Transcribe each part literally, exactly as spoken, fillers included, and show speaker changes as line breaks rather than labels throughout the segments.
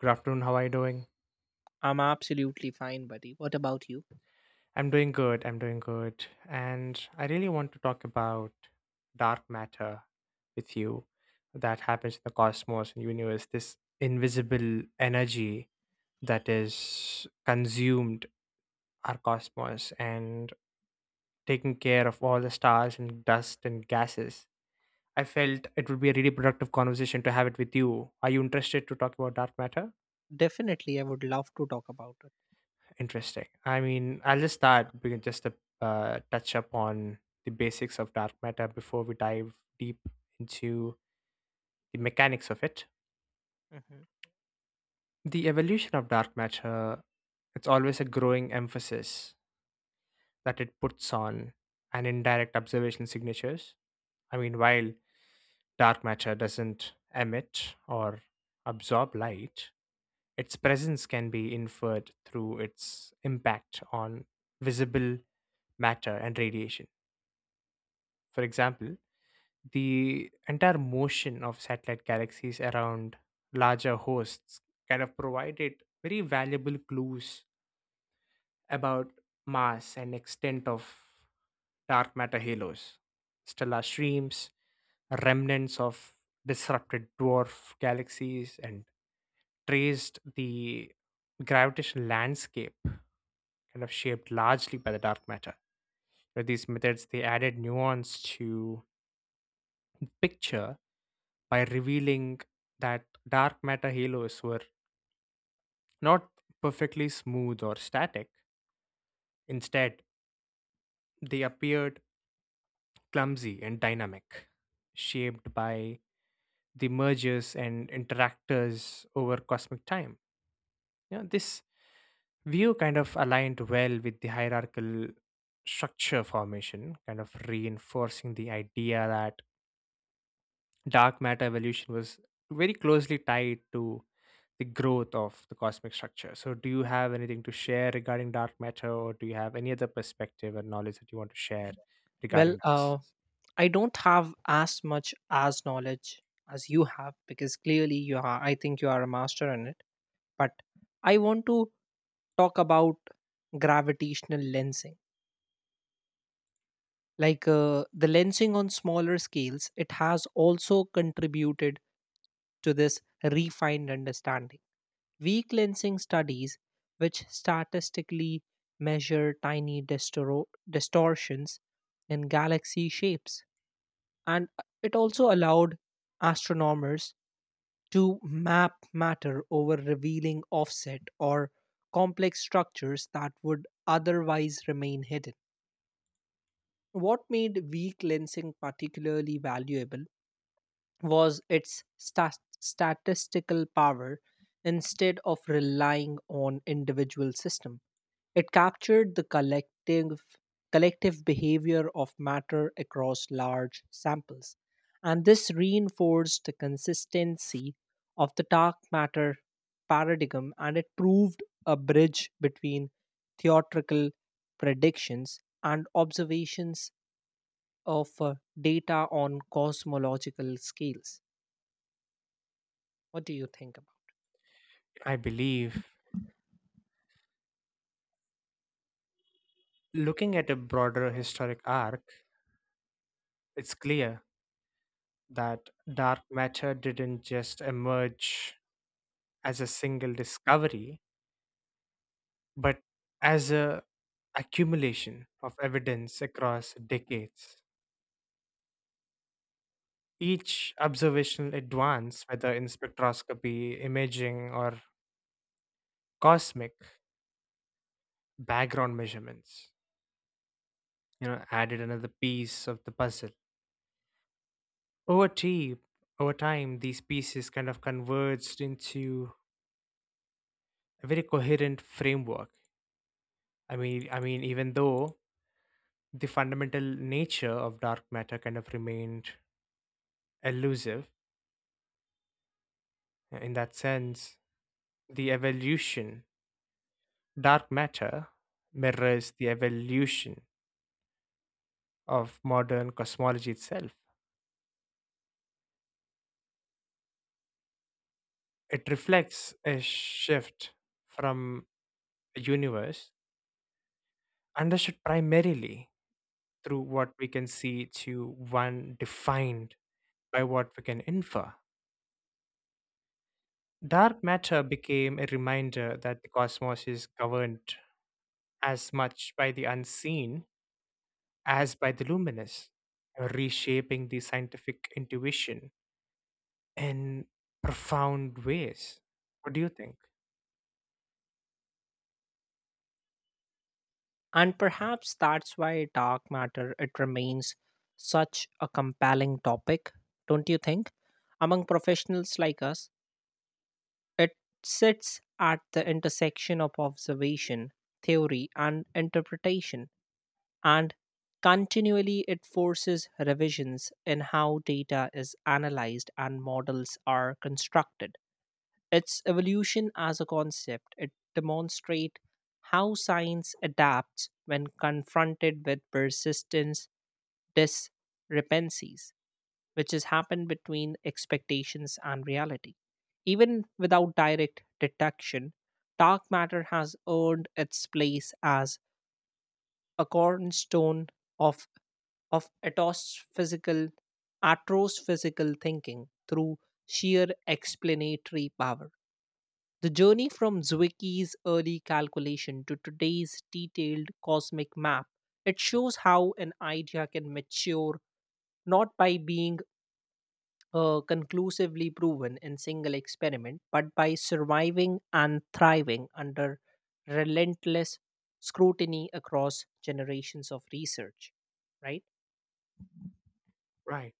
Good afternoon. How are you doing?
I'm absolutely fine, buddy. What about you?
I'm doing good. I'm doing good. And I really want to talk about dark matter with you that happens in the cosmos and universe, this invisible energy that is consumed our cosmos and taking care of all the stars and dust and gases. I felt it would be a really productive conversation to have it with you. Are you interested to talk about dark matter?
Definitely, I would love to talk about it.
Interesting. I mean, I'll just start. We can just uh, touch upon the basics of dark matter before we dive deep into the mechanics of it.
Mhm.
The evolution of dark matter, it's always a growing emphasis that it puts on an indirect observation signatures. I mean, while dark matter doesn't emit or absorb light, its presence can be inferred through its impact on visible matter and radiation. For example, the entire motion of satellite galaxies around larger hosts kind of provided very valuable clues about mass and extent of dark matter halos, stellar streams, remnants of disrupted dwarf galaxies, and traced the gravitational landscape kind of shaped largely by the dark matter. With these methods, they added nuance to the picture by revealing that dark matter halos were not perfectly smooth or static. Instead, they appeared clumsy and dynamic, shaped by the mergers and interactors over cosmic time. You know, this view kind of aligned well with the hierarchical structure formation, kind of reinforcing the idea that dark matter evolution was very closely tied to the growth of the cosmic structure. So, do you have anything to share regarding dark matter, or do you have any other perspective or knowledge that you want to share
Well,
regarding this?
uh, I don't have as much as knowledge as you have because clearly you are. I think you are a master in it. But I want to talk about gravitational lensing. Like uh, the lensing on smaller scales, it has also contributed to this refined understanding. Weak lensing studies, which statistically measure tiny distoro- distortions in galaxy shapes, and uh, it also allowed astronomers to map matter over, revealing offset or complex structures that would otherwise remain hidden. What made weak lensing particularly valuable was its stas statistical power. Instead of relying on individual system, it captured the collective collective behavior of matter across large samples, and this reinforced the consistency of the dark matter paradigm, and it proved a bridge between theoretical predictions and observations of uh, data on cosmological scales. What do you think about?
I believe looking at a broader historic arc, it's clear that dark matter didn't just emerge as a single discovery, but as a accumulation of evidence across decades. Each observational advance, whether in spectroscopy, imaging, or cosmic background measurements you know added another piece of the puzzle over time. Over time these pieces kind of converged into a very coherent framework. I mean i mean even though the fundamental nature of dark matter kind of remained elusive in that sense, the evolution dark matter mirrors the evolution of modern cosmology itself. It reflects a shift from a universe understood primarily through what we can see to one defined by what we can infer. Dark matter became a reminder that the cosmos is governed as much by the unseen as by the luminous, uh, reshaping the scientific intuition in profound ways. What do you think?
And perhaps that's why dark matter, it remains such a compelling topic, don't you think? Among professionals like us, it sits at the intersection of observation, theory and interpretation, and continually it forces revisions in how data is analyzed and models are constructed. Its evolution as a concept, it demonstrates how science adapts when confronted with persistence discrepancies, which has happened between expectations and reality. Even without direct detection, dark matter has earned its place as a cornerstone of of atophysical, physical thinking through sheer explanatory power. The journey from Zwicky's early calculation to today's detailed cosmic map, it shows how an idea can mature not by being uh, conclusively proven in single experiment, but by surviving and thriving under relentless scrutiny across generations of research. Right?
Right.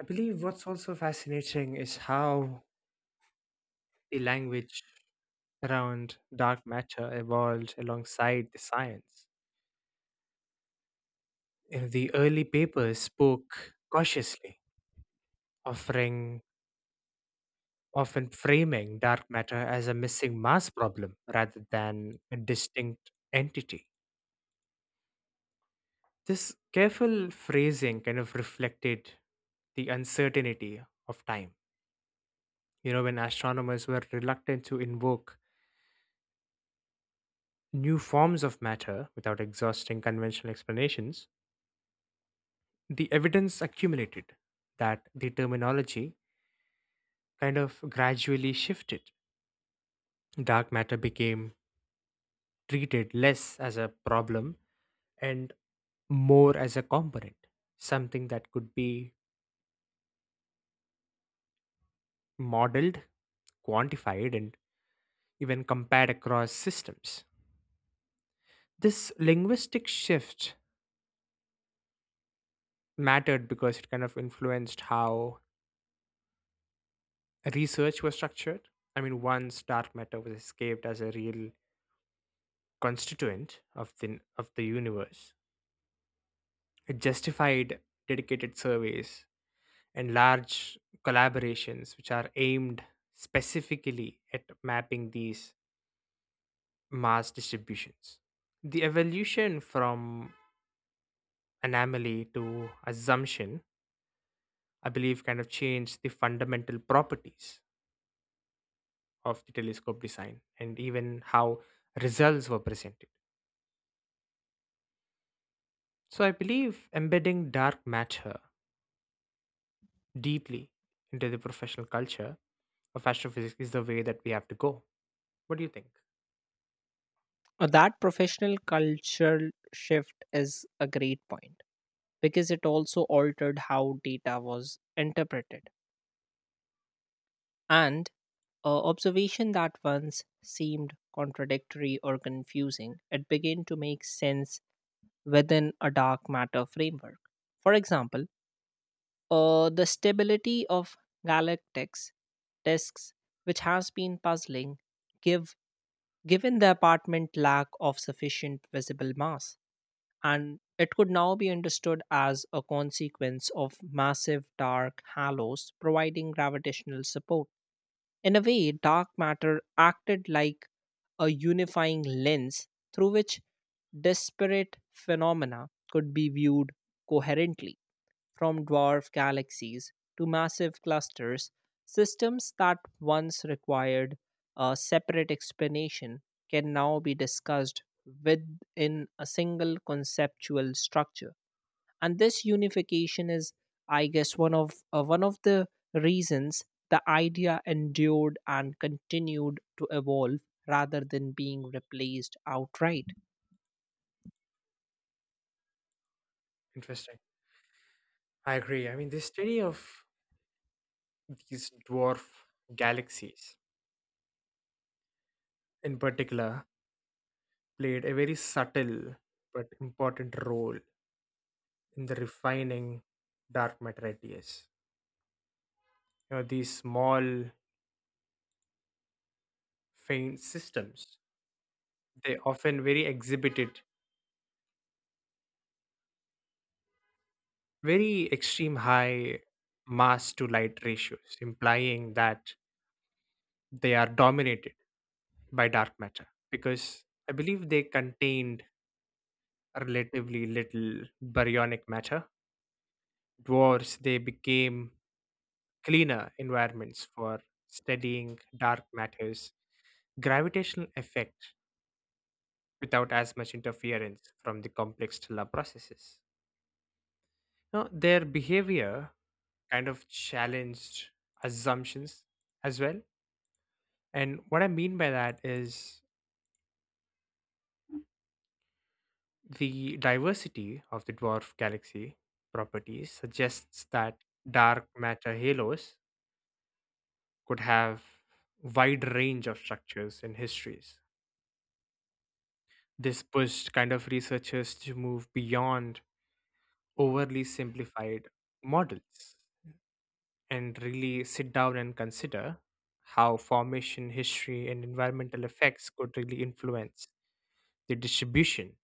I believe what's also fascinating is how the language around dark matter evolved alongside the science. Uh, The early papers spoke cautiously, offering often framing dark matter as a missing mass problem rather than a distinct entity. This careful phrasing kind of reflected the uncertainty of time. You know, when astronomers were reluctant to invoke new forms of matter without exhausting conventional explanations, the evidence accumulated that the terminology kind of gradually shifted. Dark matter became treated less as a problem and more as a component, something that could be modeled, quantified, and even compared across systems. This linguistic shift mattered because it kind of influenced how research was structured. I mean, once dark matter was escaped as a real constituent of the, of the universe, it justified dedicated surveys and large collaborations which are aimed specifically at mapping these mass distributions. The evolution from anomaly to assumption, I believe, kind of changed the fundamental properties of the telescope design and even how results were presented. So I believe embedding dark matter deeply into the professional culture of astrophysics is the way that we have to go. What do you think?
Uh, That professional cultural shift is a great point because it also altered how data was interpreted, and uh, observation that once seemed contradictory or confusing, it began to make sense within a dark matter framework. For example, uh, the stability of galactic disks, which has been puzzling, give given the apartment lack of sufficient visible mass, and it could now be understood as a consequence of massive dark halos providing gravitational support. In a way, dark matter acted like a unifying lens through which disparate phenomena could be viewed coherently, from dwarf galaxies to massive clusters. Systems that once required a separate explanation can now be discussed within a single conceptual structure, and this unification is, I guess, one of uh, one of the reasons the idea endured and continued to evolve rather than being replaced outright.
Interesting. I agree. I mean, the study of these dwarf galaxies, in particular, played a very subtle but important role in the refining dark matter radius. You know, these small, faint systems, they often very exhibited very extreme high mass to light ratios, implying that they are dominated by dark matter because I believe they contained relatively little baryonic matter. Dwarfs, they became cleaner environments for studying dark matters, gravitational effects without as much interference from the complex stellar processes. Now, their behavior kind of challenged assumptions as well. And what I mean by that is the diversity of the dwarf galaxy properties suggests that dark matter halos could have wide range of structures and histories. This pushed kind of researchers to move beyond overly simplified models and really sit down and consider how formation, history, and environmental effects could really influence the distribution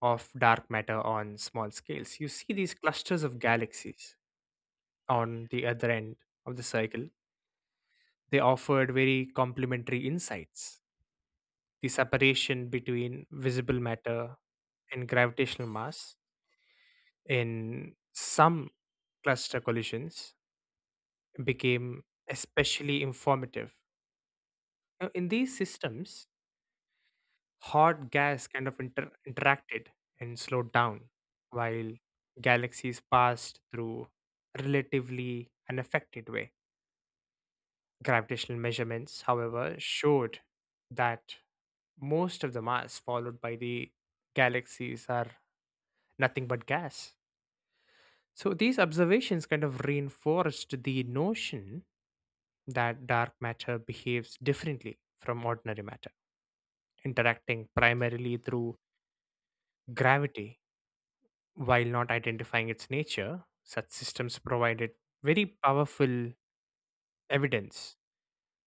of dark matter on small scales. You see these clusters of galaxies on the other end of the circle, they offered very complementary insights. The separation between visible matter and gravitational mass in some cluster collisions became especially informative. Now, in these systems, hot gas kind of inter- interacted and slowed down, while galaxies passed through relatively unaffected way. Gravitational measurements, however, showed that most of the mass followed by the galaxies are nothing but gas. So these observations kind of reinforced the notion that dark matter behaves differently from ordinary matter, interacting primarily through gravity. While not identifying its nature, such systems provided very powerful evidence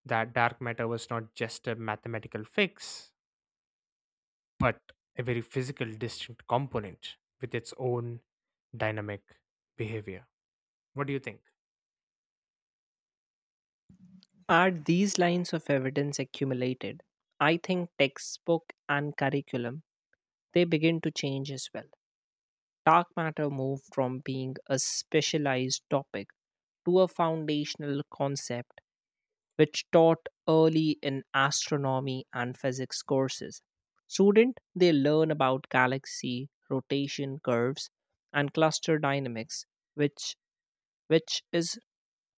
that dark matter was not just a mathematical fix, but a very physical, distinct component with its own dynamic behavior. What do you think?
Are these lines of evidence accumulated? I think textbook and curriculum, they begin to change as well. Dark matter moved from being a specialized topic to a foundational concept which taught early in astronomy and physics courses. Student, they learn about galaxy rotation curves and cluster dynamics, which which is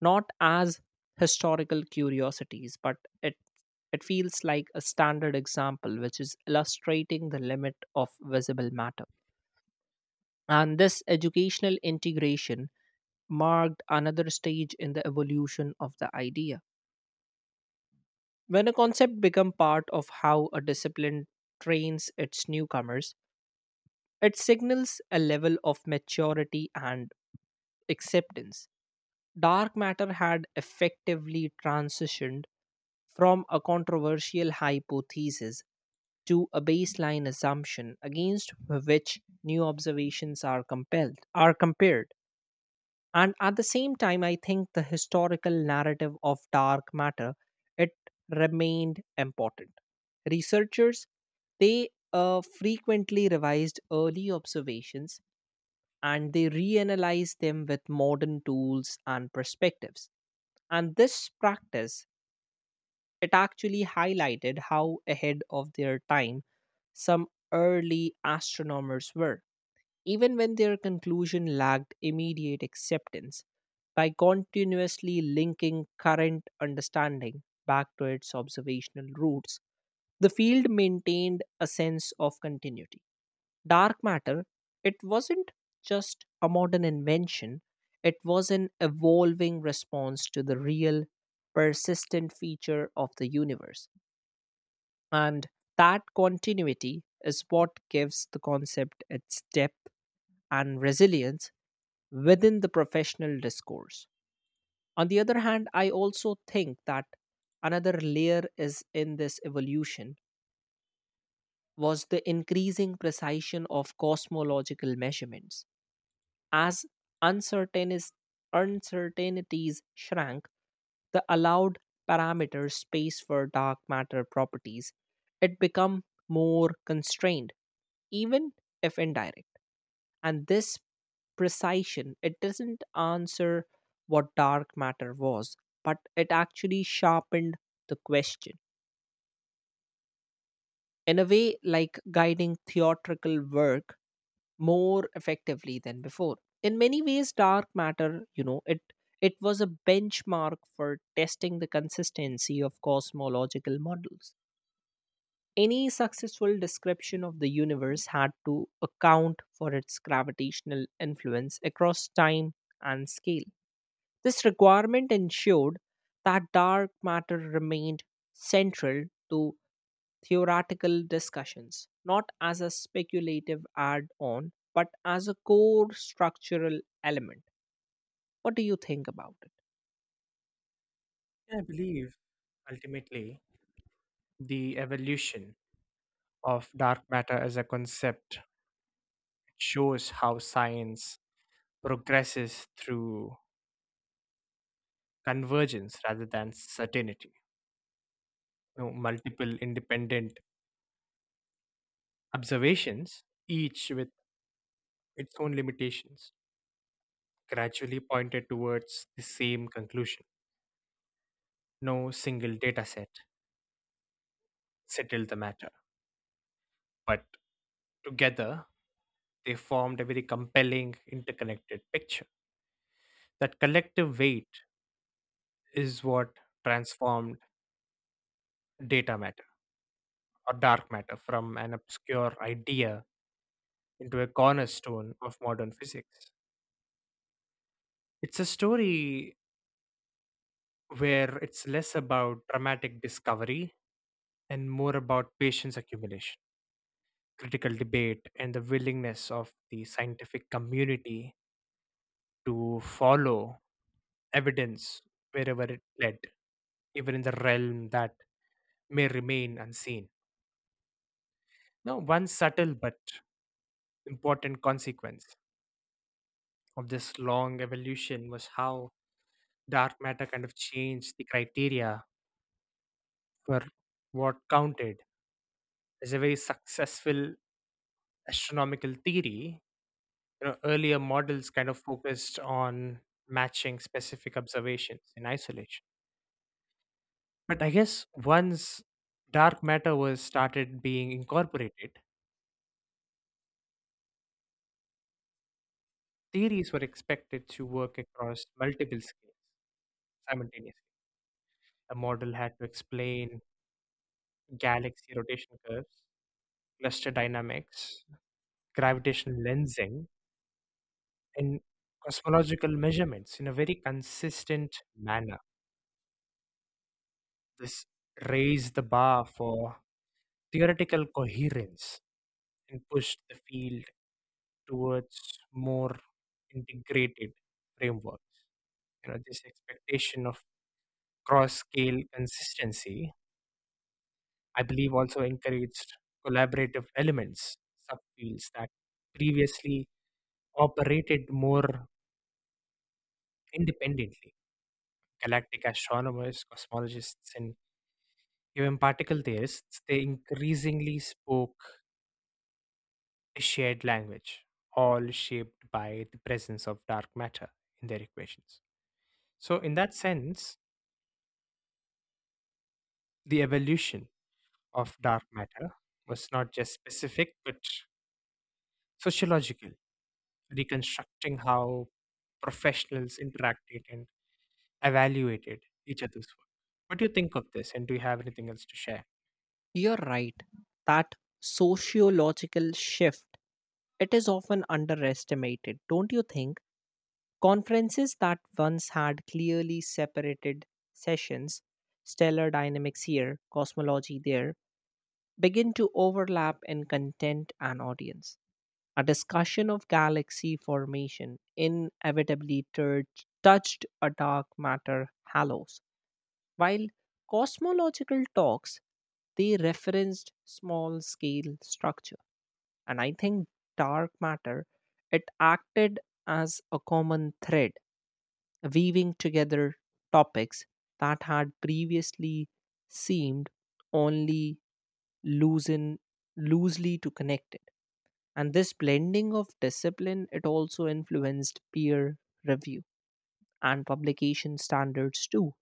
not as historical curiosities, but it it feels like a standard example which is illustrating the limit of visible matter. And this educational integration marked another stage in the evolution of the idea. When a concept becomes part of how a discipline trains its newcomers, it signals a level of maturity and acceptance. Dark matter had effectively transitioned from a controversial hypothesis to a baseline assumption against which new observations are compelled are compared. And at the same time, I think the historical narrative of dark matter, it remained important. Researchers, they uh, frequently revised early observations, and they reanalyzed them with modern tools and perspectives. And this practice, it actually highlighted how ahead of their time some early astronomers were, even when their conclusion lacked immediate acceptance. By continuously linking current understanding back to its observational roots, the field maintained a sense of continuity. Dark matter, it wasn't just a modern invention, it was an evolving response to the real, persistent feature of the universe. And that continuity is what gives the concept its depth and resilience within the professional discourse. On the other hand, I also think that another layer is in this evolution was the increasing precision of cosmological measurements. As uncertainties uncertainties shrank, the allowed parameter space for dark matter properties, it become more constrained, even if indirect. And this precision, it doesn't answer what dark matter was, but it actually sharpened the question in a way, like guiding theatrical work more effectively than before. In many ways, dark matter, you know, it it was a benchmark for testing the consistency of cosmological models. Any successful description of the universe had to account for its gravitational influence across time and scale. This requirement ensured that dark matter remained central to theoretical discussions, not as a speculative add on, but as a core structural element. What do you think about it?
I believe ultimately the evolution of dark matter as a concept shows how science progresses through convergence rather than certainty. You know, multiple independent observations, each with its own limitations, gradually pointed towards the same conclusion. No single data set settled the matter, but together they formed a very compelling interconnected picture. That collective weight is what transformed data matter or dark matter from an obscure idea into a cornerstone of modern physics. It's a story where it's less about dramatic discovery and more about patience accumulation, critical debate, and the willingness of the scientific community to follow evidence wherever it led, even in the realm that may remain unseen. Now, one subtle but important consequence of this long evolution was how dark matter kind of changed the criteria for what counted is a very successful astronomical theory. You know, earlier models kind of focused on matching specific observations in isolation. But I guess once dark matter was started being incorporated, theories were expected to work across multiple scales simultaneously. A model had to explain galaxy rotation curves, cluster dynamics, gravitational lensing, and cosmological measurements in a very consistent manner. This raised the bar for theoretical coherence and pushed the field towards more integrated frameworks. You know, this expectation of cross scale consistency, I believe, also encouraged collaborative elements, subfields that previously operated more independently. Galactic astronomers, cosmologists, and even particle theorists, they increasingly spoke shared language, all shaped by the presence of dark matter in their equations. So, in that sense, the evolution of dark matter was not just specific but sociological, reconstructing how professionals interacted and evaluated each other's work. What do you think of this, and do you have anything else to share?
You're right that sociological shift, it is often underestimated, don't you think? Conferences that once had clearly separated sessions, stellar dynamics here, cosmology there, begin to overlap in content and audience. A discussion of galaxy formation inevitably tur- touched a dark matter halos, while cosmological talks, they referenced small scale structure. And I think dark matter, it acted as a common thread, weaving together topics that had previously seemed only loosen loosely to connect it. And this blending of discipline, it also influenced peer review and publication standards too.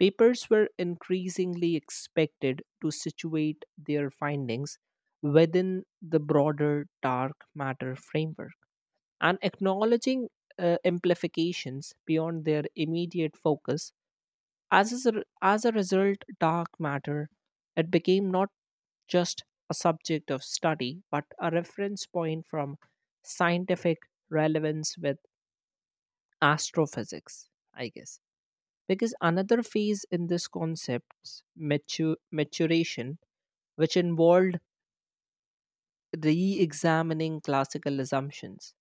Papers were increasingly expected to situate their findings within the broader dark matter framework, and acknowledging uh, amplifications beyond their immediate focus. As a, s- as a result, dark matter, it became not just a subject of study, but a reference point from scientific relevance with astrophysics, I guess. Because another phase in this concept's matu- maturation, which involved re examining classical assumptions.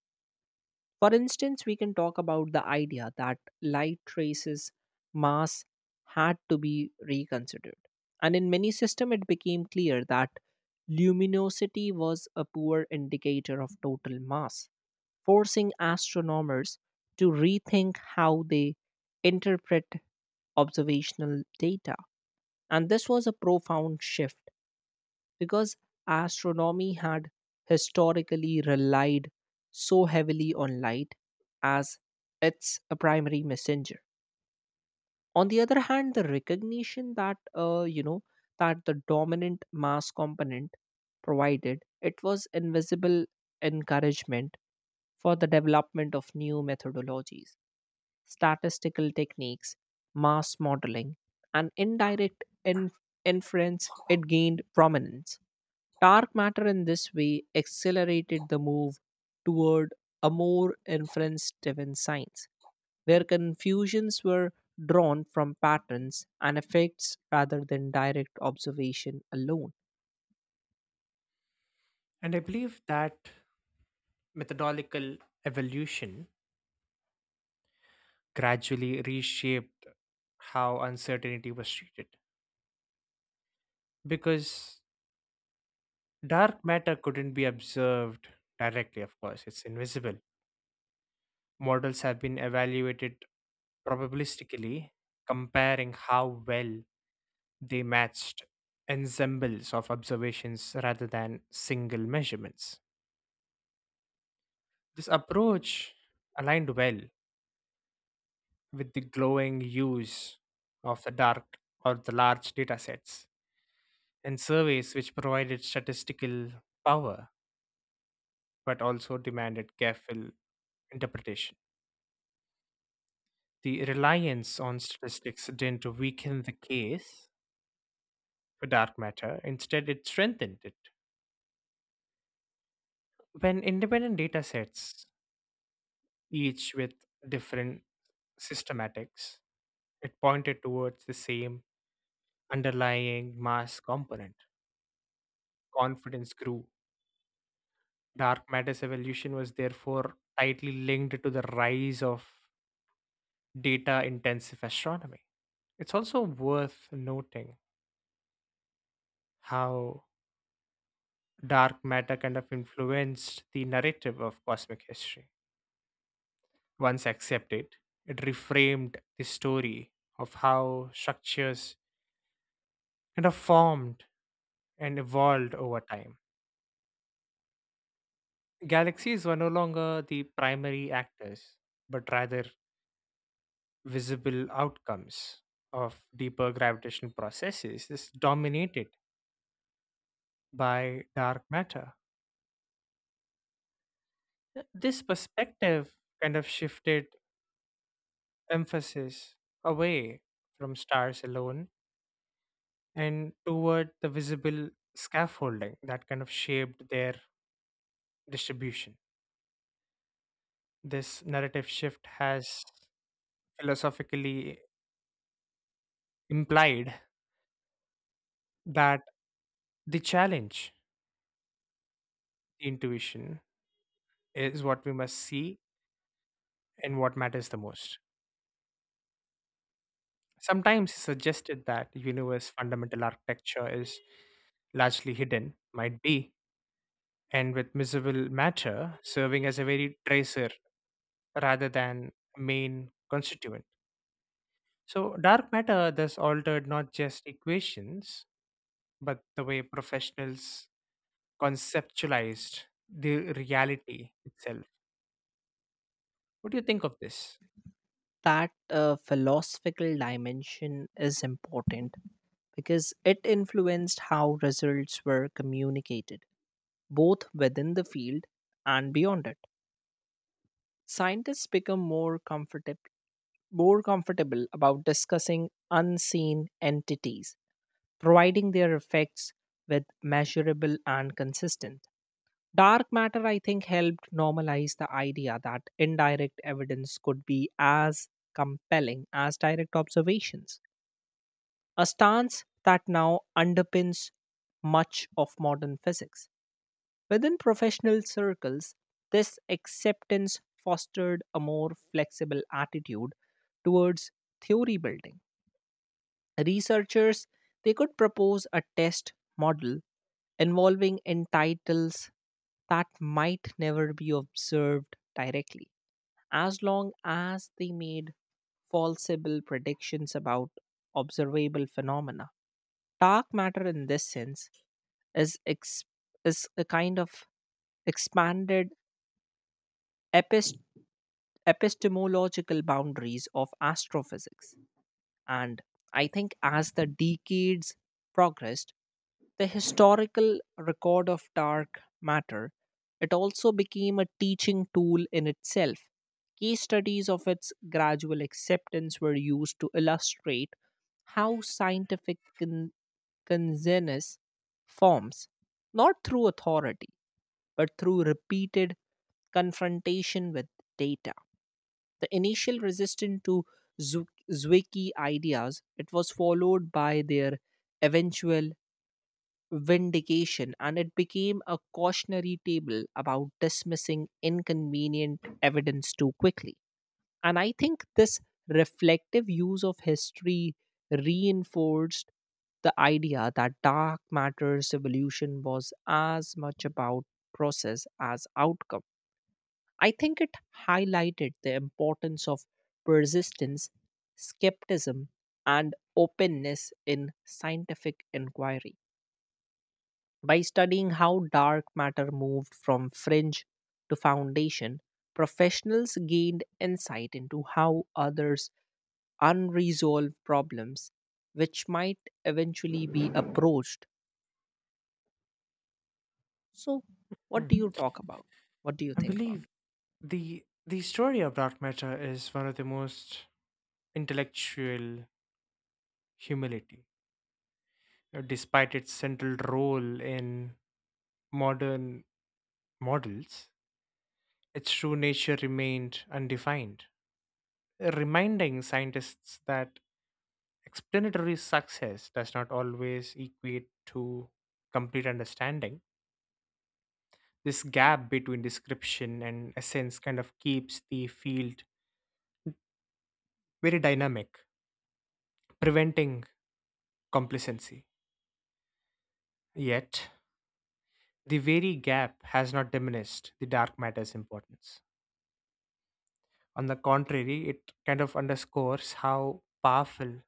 For instance, we can talk about the idea that light traces mass had to be reconsidered. And in many systems, it became clear that luminosity was a poor indicator of total mass, forcing astronomers to rethink how they interpret observational data. And this was a profound shift because astronomy had historically relied so heavily on light as it's a primary messenger. On the other hand, the recognition that uh, you know, that the dominant mass component provided it was invisible encouragement for the development of new methodologies, statistical techniques, mass modeling, and indirect inf- inference, it gained prominence. Dark matter in this way accelerated the move toward a more inference driven science, where confusions were drawn from patterns and effects rather than direct observation alone.
And I believe that methodological evolution gradually reshaped how uncertainty was treated because dark matter couldn't be observed directly, of course, it's invisible. Models have been evaluated probabilistically, comparing how well they matched ensembles of observations rather than single measurements. This approach aligned well with the glowing use of the dark or the large data sets in surveys which provided statistical power but also demanded careful interpretation. The reliance on statistics didn't weaken the case for dark matter, instead, it strengthened it. When independent data sets, each with different systematics, it pointed towards the same underlying mass component. Confidence grew. Dark matter's evolution was therefore tightly linked to the rise of data intensive astronomy. It's also worth noting how dark matter kind of influenced the narrative of cosmic history. Once accepted, it reframed the story of how structures kind of formed and evolved over time. Galaxies were no longer the primary actors, but rather visible outcomes of deeper gravitational processes. This dominated by dark matter. Th- This perspective kind of shifted emphasis away from stars alone and toward the visible scaffolding that kind of shaped their distribution. This narrative shift has philosophically implied that the challenge, the intuition, is what we must see and what matters the most. Sometimes suggested that universe fundamental architecture is largely hidden, might be, and with miserable matter serving as a very tracer rather than main constituent. So, dark matter thus altered not just equations, but the way professionals conceptualized the reality itself. What do you think of this?
That uh, philosophical dimension is important because it influenced how results were communicated, both within the field and beyond it. Scientists become more comfortable more comfortable about discussing unseen entities, providing their effects with measurable and consistent. Dark matter, I think, helped normalize the idea that indirect evidence could be as compelling as direct observations, a stance that now underpins much of modern physics. Within professional circles, this acceptance fostered a more flexible attitude towards theory building. Researchers, they could propose a test model involving entitles that might never be observed directly, as long as they made falsible predictions about observable phenomena. Dark matter, in this sense, is ex- is a kind of expanded epist- epistemological boundaries of astrophysics. And I think as the decades progressed, the historical record of dark matter, it also became a teaching tool in itself. Case studies of its gradual acceptance were used to illustrate how scientific con- consensus forms, not through authority, but through repeated confrontation with data. The initial resistance to Zu- Zwicky ideas, it was followed by their eventual vindication, and it became a cautionary table about dismissing inconvenient evidence too quickly. And I think this reflective use of history reinforced the idea that dark matter's evolution was as much about process as outcome. I think it highlighted the importance of persistence, skepticism, and openness in scientific inquiry. By studying how dark matter moved from fringe to foundation, professionals gained insight into how others' unresolved problems, which might eventually be approached. So, what
Hmm.
do you talk about? What do you
I
think about?
believe
It?
the the story of dark matter is one of the most intellectual humility. Uh, Despite its central role in modern models, its true nature remained undefined, reminding scientists that explanatory success does not always equate to complete understanding. This gap between description and essence kind of keeps the field very dynamic, preventing complacency. Yet, the very gap has not diminished the dark matter's importance. On the contrary, it kind of underscores how powerful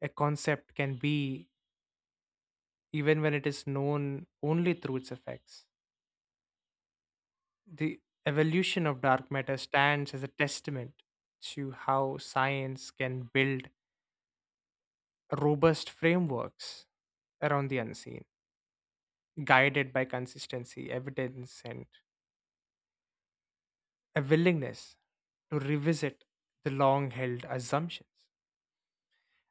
a concept can be even when it is known only through its effects. The evolution of dark matter stands as a testament to how science can build robust frameworks around the unseen, guided by consistency, evidence, and a willingness to revisit the long held assumptions.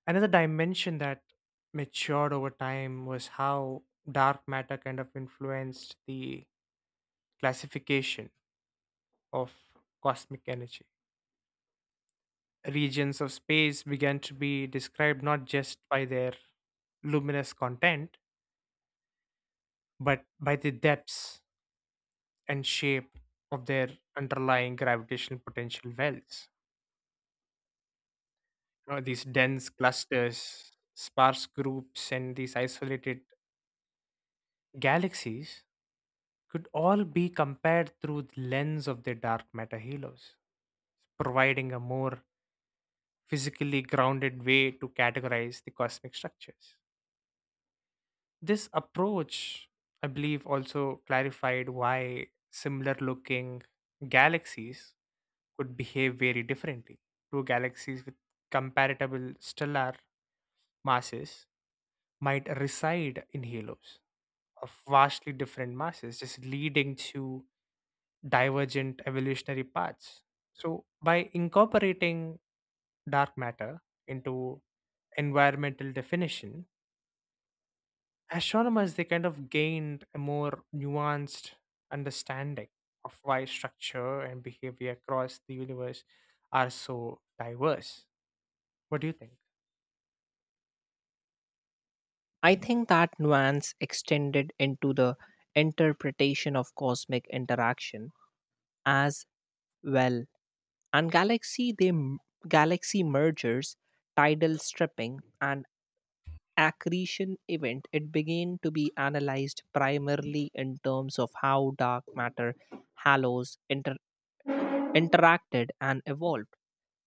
Another dimension that matured over time was how dark matter kind of influenced the classification of cosmic energy regions of space began to be described not just by their luminous content, but by the depths and shape of their underlying gravitational potential wells. You know, these dense clusters, sparse groups, and these isolated galaxies could all be compared through the lens of their dark matter halos, providing a more physically grounded way to categorize the cosmic structures. This approach, I believe, also clarified why similar looking galaxies could behave very differently. Two galaxies with comparable stellar masses might reside in halos of vastly different masses, just leading to divergent evolutionary paths. So, by incorporating dark matter into environmental definition, astronomers, they kind of gained a more nuanced understanding of why structure and behavior across the universe are so diverse. What do you think?
I think that nuance extended into the interpretation of cosmic interaction as well. And galaxy they m- galaxy mergers, tidal stripping and accretion event, it began to be analyzed primarily in terms of how dark matter halos inter- interacted and evolved.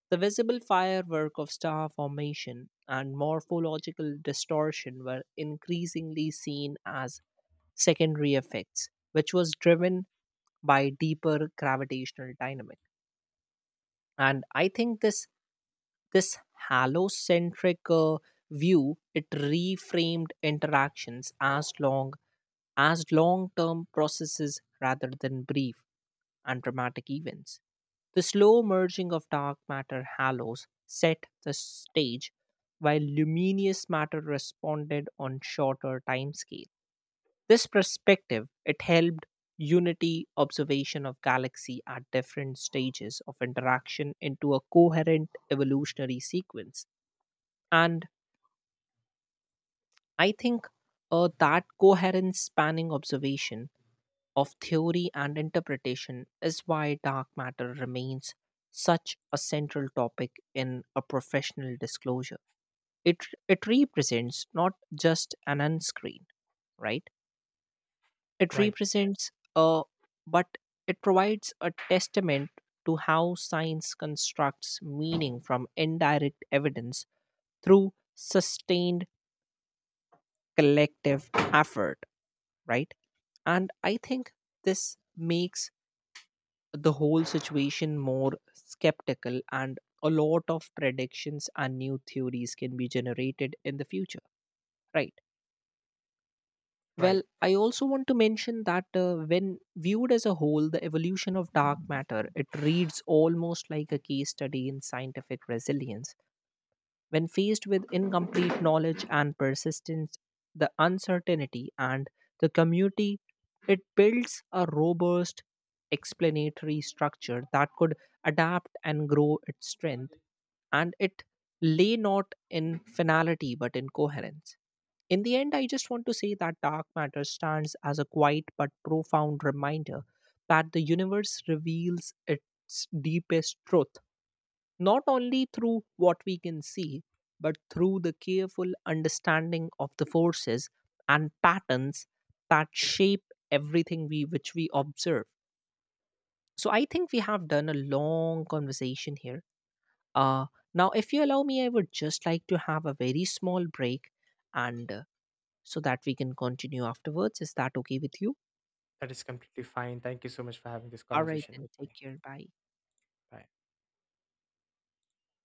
The visible firework of star formation and morphological distortion were increasingly seen as secondary effects, which was driven by deeper gravitational dynamic. And I think this this halocentric uh, view, it reframed interactions as long as long term processes rather than brief and dramatic events. The slow merging of dark matter halos set the stage, while luminous matter responded on shorter timescale. This perspective, it helped unity observation of galaxy at different stages of interaction into a coherent evolutionary sequence. And I think uh, that coherence spanning observation of theory and interpretation is why dark matter remains such a central topic in a professional disclosure. It, it represents not just an unscreen, right? It
Right,
represents a, but it provides a testament to how science constructs meaning from indirect evidence through sustained collective effort, right? And I think this makes the whole situation more skeptical, and a lot of predictions and new theories can be generated in the future, right? Well,
right.
I also want to mention that uh, when viewed as a whole, the evolution of dark matter, it reads almost like a case study in scientific resilience. When faced with incomplete knowledge and persistence, the uncertainty and the community, it builds a robust explanatory structure that could adapt and grow its strength, and it lay not in finality but in coherence. In the end, I just want to say that dark matter stands as a quiet but profound reminder that the universe reveals its deepest truth not only through what we can see, but through the careful understanding of the forces and patterns that shape everything we which we observe. So I think we have done a long conversation here. Uh, Now, if you allow me, I would just like to have a very small break, and uh, so that we can continue afterwards. Is that okay with you?
That is completely fine. Thank you so much for having this
All right,
conversation
then.
with
Take
me.
care. Bye.
Bye.